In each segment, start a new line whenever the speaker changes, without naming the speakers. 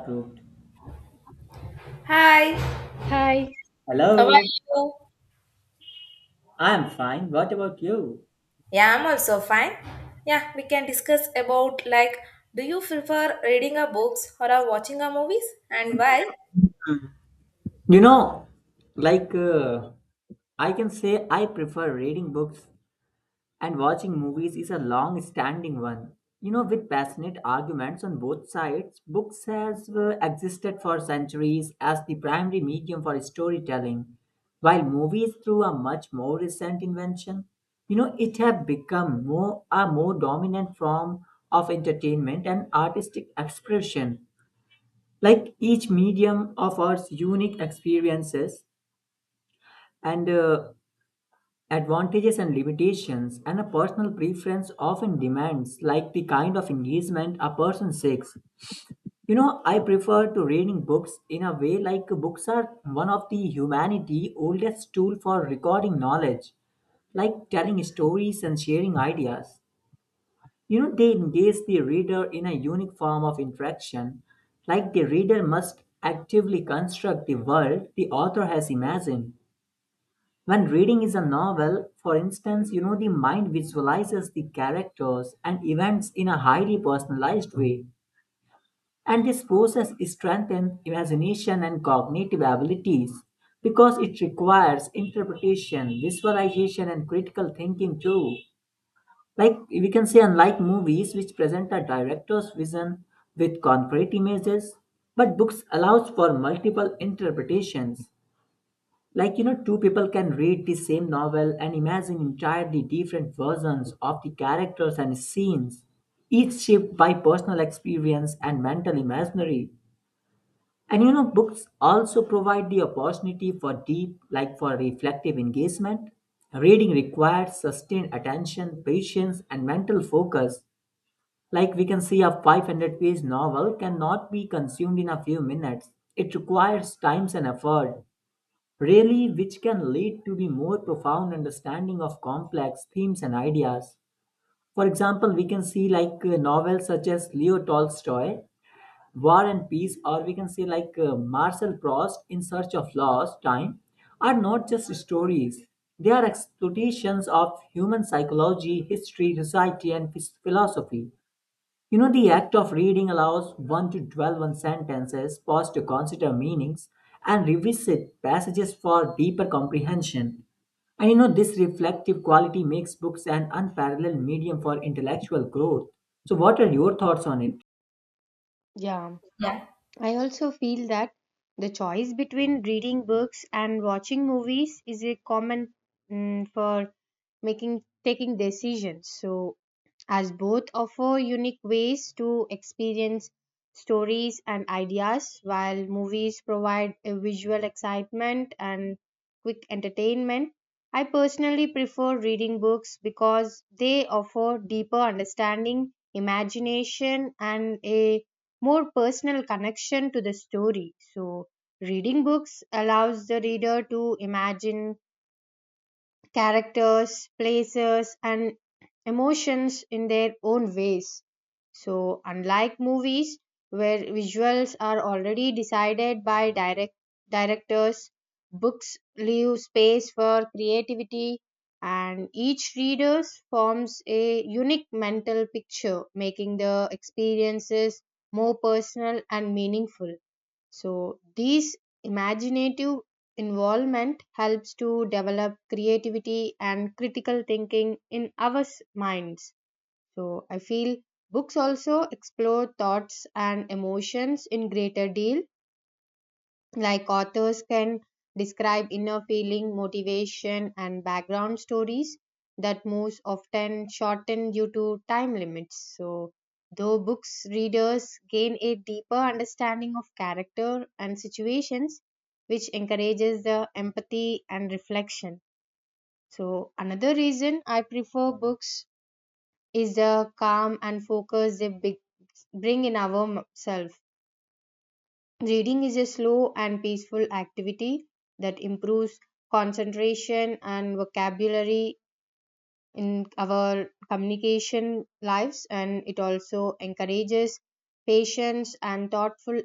Approved.
Hi.
Hi.
How are
Hello,
you?
I'm fine. What about you?
Yeah, I'm also fine. Yeah, we can discuss about like do you prefer reading a books or a watching a movies and why?
You know, like I can say I prefer reading books and watching movies is a long standing one. You know, with passionate arguments on both sides, books has existed for centuries as the primary medium for storytelling, while movies through a much more recent invention. You know, it have become more dominant form of entertainment and artistic expression, like each medium offers unique experiences and advantages and limitations, and a personal preference often demands like the kind of engagement a person seeks. You know, I prefer to reading books in a way. Like, books are one of the humanity oldest tool for recording knowledge, like telling stories and sharing ideas. You know, they engage the reader in a unique form of interaction, like the reader must actively construct the world the author has imagined. When reading is a novel, for instance, you know, the mind visualizes the characters and events in a highly personalized way. And this process strengthens imagination and cognitive abilities because it requires interpretation, visualization, and critical thinking too. Like, we can say, unlike movies, which present a director's vision with concrete images, but books allows for multiple interpretations. Like, you know, two people can read the same novel and imagine entirely different versions of the characters and scenes, each shaped by personal experience and mental imaginary. And you know, books also provide the opportunity for deep, like for reflective engagement. Reading requires sustained attention, patience, and mental focus. Like we can see, a 500-page novel cannot be consumed in a few minutes. It requires time and effort, really, which can lead to the more profound understanding of complex themes and ideas. For example, we can see like novels such as Leo Tolstoy, War and Peace, or we can say like Marcel Proust, In Search of Lost Time, are not just stories. They are exploitations of human psychology, history, society, and philosophy. You know, the act of reading allows one to dwell on sentences, pause to consider meanings, and revisit passages for deeper comprehension. And you know, this reflective quality makes books an unparalleled medium for intellectual growth. So, what are your thoughts on it?
Yeah,
Yeah.
I also feel that the choice between reading books and watching movies is a common for making taking decisions. So, as both offer unique ways to experience stories and ideas, while movies provide a visual excitement and quick entertainment, I personally prefer reading books because they offer deeper understanding, imagination, and a more personal connection to the story. So, reading books allows the reader to imagine characters, places, and emotions in their own ways. So, unlike movies where visuals are already decided by directors, books leave space for creativity and each reader forms a unique mental picture, making the experiences more personal and meaningful. So, this imaginative involvement helps to develop creativity and critical thinking in our minds. So, I feel books also explore thoughts and emotions in greater deal, like authors can describe inner feeling motivation and background stories that most often shorten due to time limits, so though books readers gain a deeper understanding of character and situations, which encourages the empathy and reflection. So another reason I prefer books is the calm and focus they bring in ourselves. Reading is a slow and peaceful activity that improves concentration and vocabulary in our communication lives, and it also encourages patience and thoughtful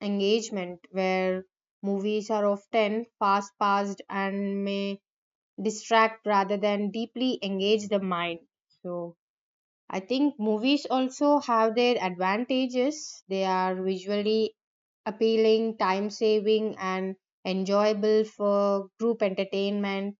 engagement, where movies are often fast paced and may distract rather than deeply engage the mind. So, I think movies also have their advantages. They are visually appealing, time saving, and enjoyable for group entertainment.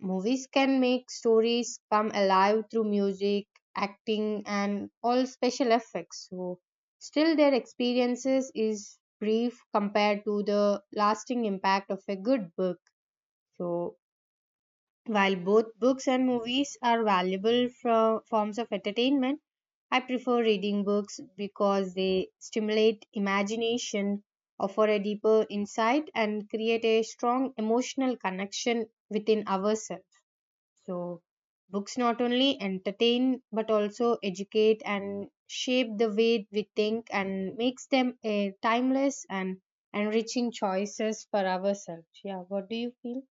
Movies can make stories come alive through music, acting, and all special effects. So, still, their experiences is brief compared to the lasting impact of a good book. So, while both books and movies are valuable from forms of entertainment, I prefer reading books because they stimulate imagination, offer a deeper insight, and create a strong emotional connection within ourselves. So, books not only entertain but also educate and shape the way we think and makes them a timeless and enriching choices for ourselves. Yeah, what do you feel?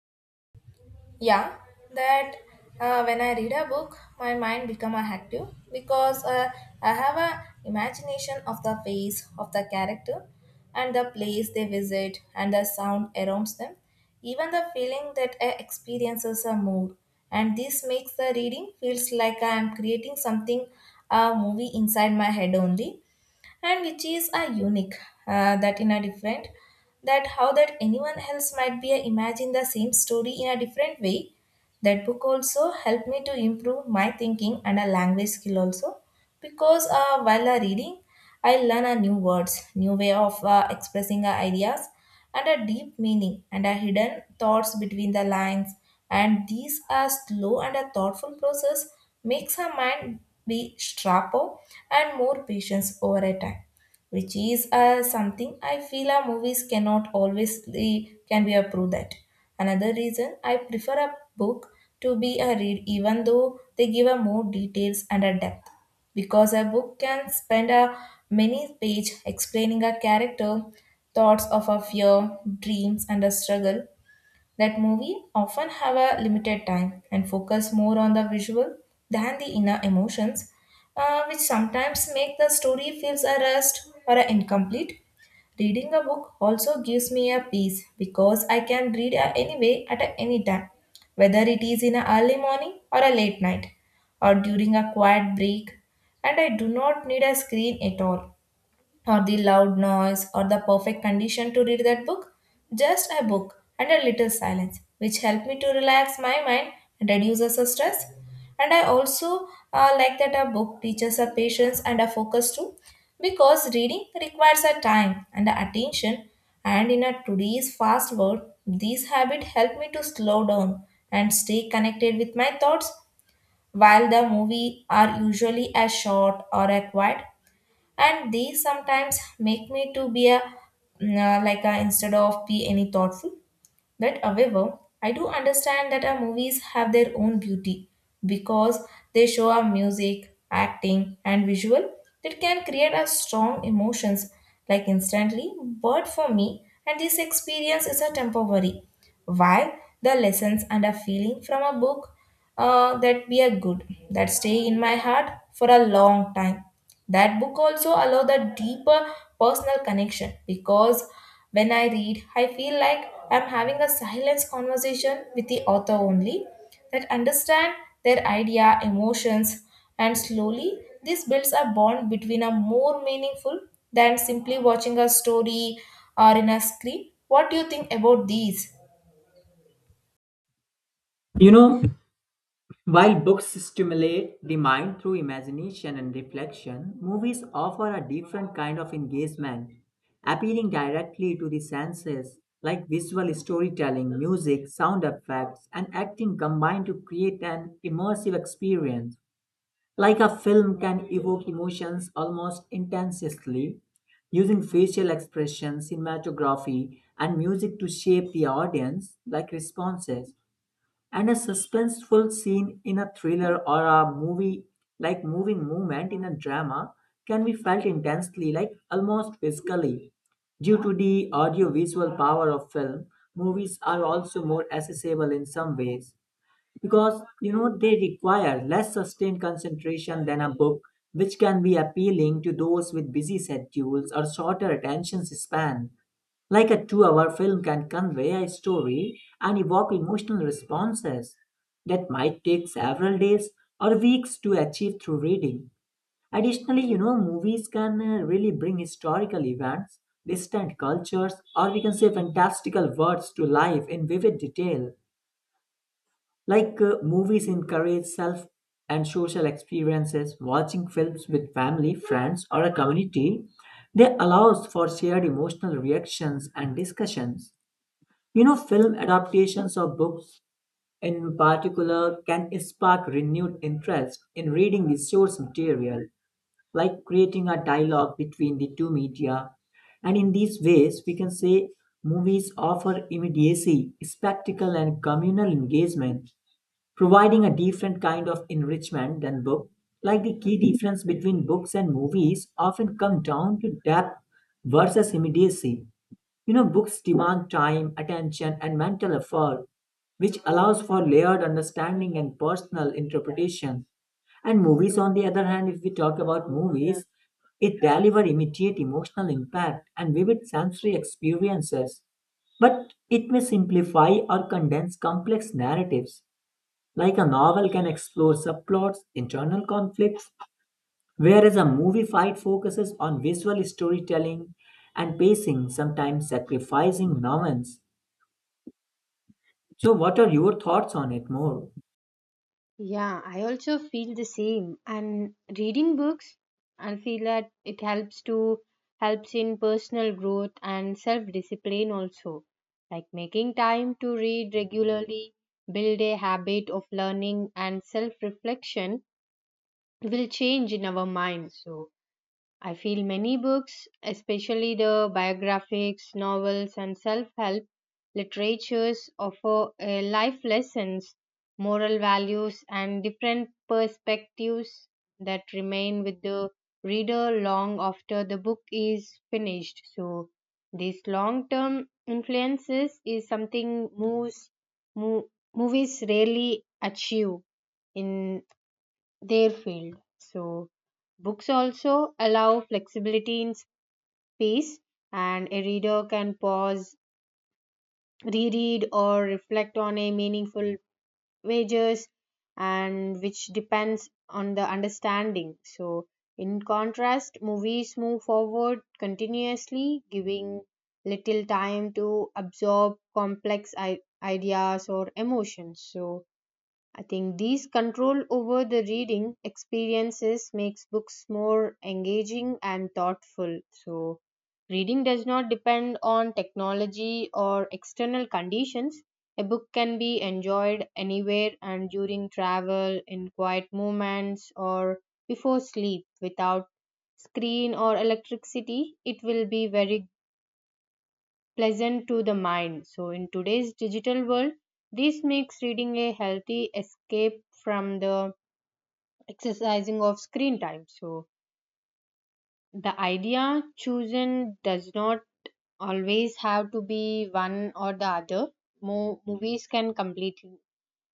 Yeah, that when I read a book my mind become a active because I have a imagination of the face of the character, and the place they visit, and the sound around them, even the feeling that I experiences a mood. And this makes the reading feels like I am creating something, a movie inside my head only, and which is a unique, that in a different, that how that anyone else might be a imagine the same story in a different way. That book also helped me to improve my thinking and a language skill also, because while reading I learn a new words, new way of expressing ideas and a deep meaning and a hidden thoughts between the lines. And these are slow and a thoughtful process, makes our mind be sharper and more patient over a time, which is something I feel our movies cannot always can be approved that. Another reason I prefer a book to be a read, even though they give a more details and a depth, because a book can spend a many page explaining a character, thoughts of a fear, dreams, and a struggle, that movie often have a limited time and focus more on the visual than the inner emotions, which sometimes make the story feels a rest or a incomplete. Reading a book also gives me a peace because I can read anyway at any time, whether it is in a early morning or a late night or during a quiet break, and I do not need a screen at all, or the loud noise or the perfect condition to read that book. Just a book and a little silence, which help me to relax my mind and reduces the stress. And I also like that a book teaches a patience and a focus too, because reading requires a time and a attention. And in a today's fast world, these habits help me to slow down and stay connected with my thoughts. While the movie are usually as short or a quiet, and they sometimes make me to be a like a instead of be any thoughtful. But however I do understand that our movies have their own beauty, because they show our music, acting, and visual that can create a strong emotions like instantly, but for me and this experience is a temporary, while the lessons and a feeling from a book, that be a good, that stay in my heart for a long time. That book also allow the deeper personal connection, because when I read I feel like I'm having a silence conversation with the author only, that understand their idea emotions, and slowly this builds a bond between a more meaningful than simply watching a story or in a screen. What do you think about these?
You know, while books stimulate the mind through imagination and reflection, movies offer a different kind of engagement, appealing directly to the senses, like visual storytelling, music, sound effects, and acting combined to create an immersive experience. Like a film can evoke emotions almost intensely, using facial expressions, cinematography, and music to shape the audience like responses, and a suspenseful scene in a thriller or a movie, like moving movement in a drama, can be felt intensely like almost physically due to the audiovisual power of film. Movies are also more accessible in some ways because, you know, they require less sustained concentration than a book, which can be appealing to those with busy schedules or shorter attention span. Like a 2 hour film can convey a story and evoke emotional responses that might take several days or weeks to achieve through reading. Additionally, you know, movies can really bring historical events, distant cultures, or we can say fantastical worlds to life in vivid detail. Like movies encourage self and social experiences. Watching films with family, friends, or a community, they allows for shared emotional reactions and discussions. You know, film adaptations of books in particular can spark renewed interest in reading the source material, like creating a dialogue between the two media. And in these ways, we can say movies offer immediacy, spectacle, and communal engagement, providing a different kind of enrichment than book. Like, the key difference between books and movies often come down to depth versus immediacy. You know, books demand time, attention, and mental effort, which allows for layered understanding and personal interpretation. And movies, on the other hand, if we talk about movies, it deliver immediate emotional impact and vivid sensory experiences, but it may simplify or condense complex narratives. Like a novel can explore subplots, internal conflicts, whereas a movie fight focuses on visual storytelling and pacing, sometimes sacrificing nuance. So, what are your thoughts on it more?
Yeah, I also feel the same. And reading books, I feel that it helps in personal growth and self-discipline also. Like making time to read regularly, build a habit of learning and self-reflection will change in our minds. So I feel many books, especially the biographics, novels, and self help literatures, offer life lessons, moral values, and different perspectives that remain with the reader long after the book is finished. So, this long term influences is something mo- movies rarely achieve in their field. So, books also allow flexibility in space, and a reader can pause, reread, or reflect on a meaningful pages, and which depends on the understanding. So, in contrast, movies move forward continuously, giving little time to absorb complex ideas or emotions. So, I think these control over the reading experiences makes books more engaging and thoughtful. So reading does not depend on technology or external conditions. A book can be enjoyed anywhere and during travel, in quiet moments, or before sleep without screen or electricity. It will be very pleasant to the mind. So, in today's digital world, this makes reading a healthy escape from the exercising of screen time. So the idea chosen does not always have to be one or the other. Movies can completely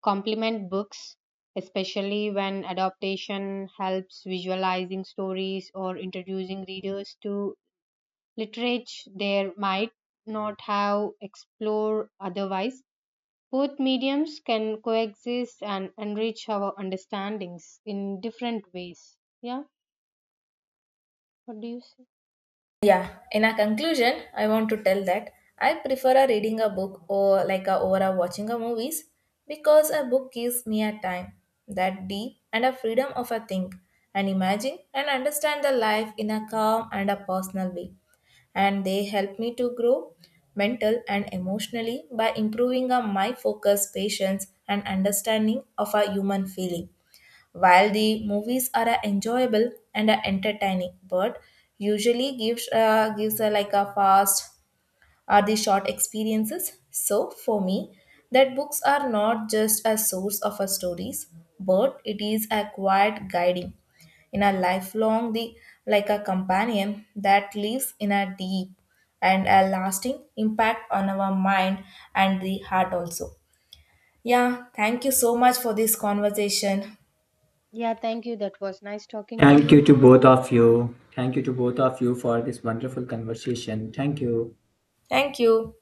complement books, especially when adaptation helps visualizing stories or introducing readers to literature they might not have explored otherwise. Both mediums can coexist and enrich our understandings in different ways. Yeah, what do you say?
Yeah, in a conclusion, I want to tell that I prefer a reading a book or like a over a watching a movies, because a book gives me a time that deep and a freedom of a think and imagine and understand the life in a calm and a personal way, and they help me to grow mental and emotionally by improving my focus, patience, and understanding of a human feeling. While the movies are enjoyable and entertaining, but usually gives like a fast or the short experiences. So for me, that books are not just a source of a stories, but it is a quiet guiding in a lifelong the like a companion that lives in a deep and a lasting impact on our mind and the heart also. Yeah, thank you so much for this conversation.
Yeah, thank you. That was nice talking to
Thank you
you.
to both of you. Thank you to both of you for this wonderful conversation. Thank you.
Thank you.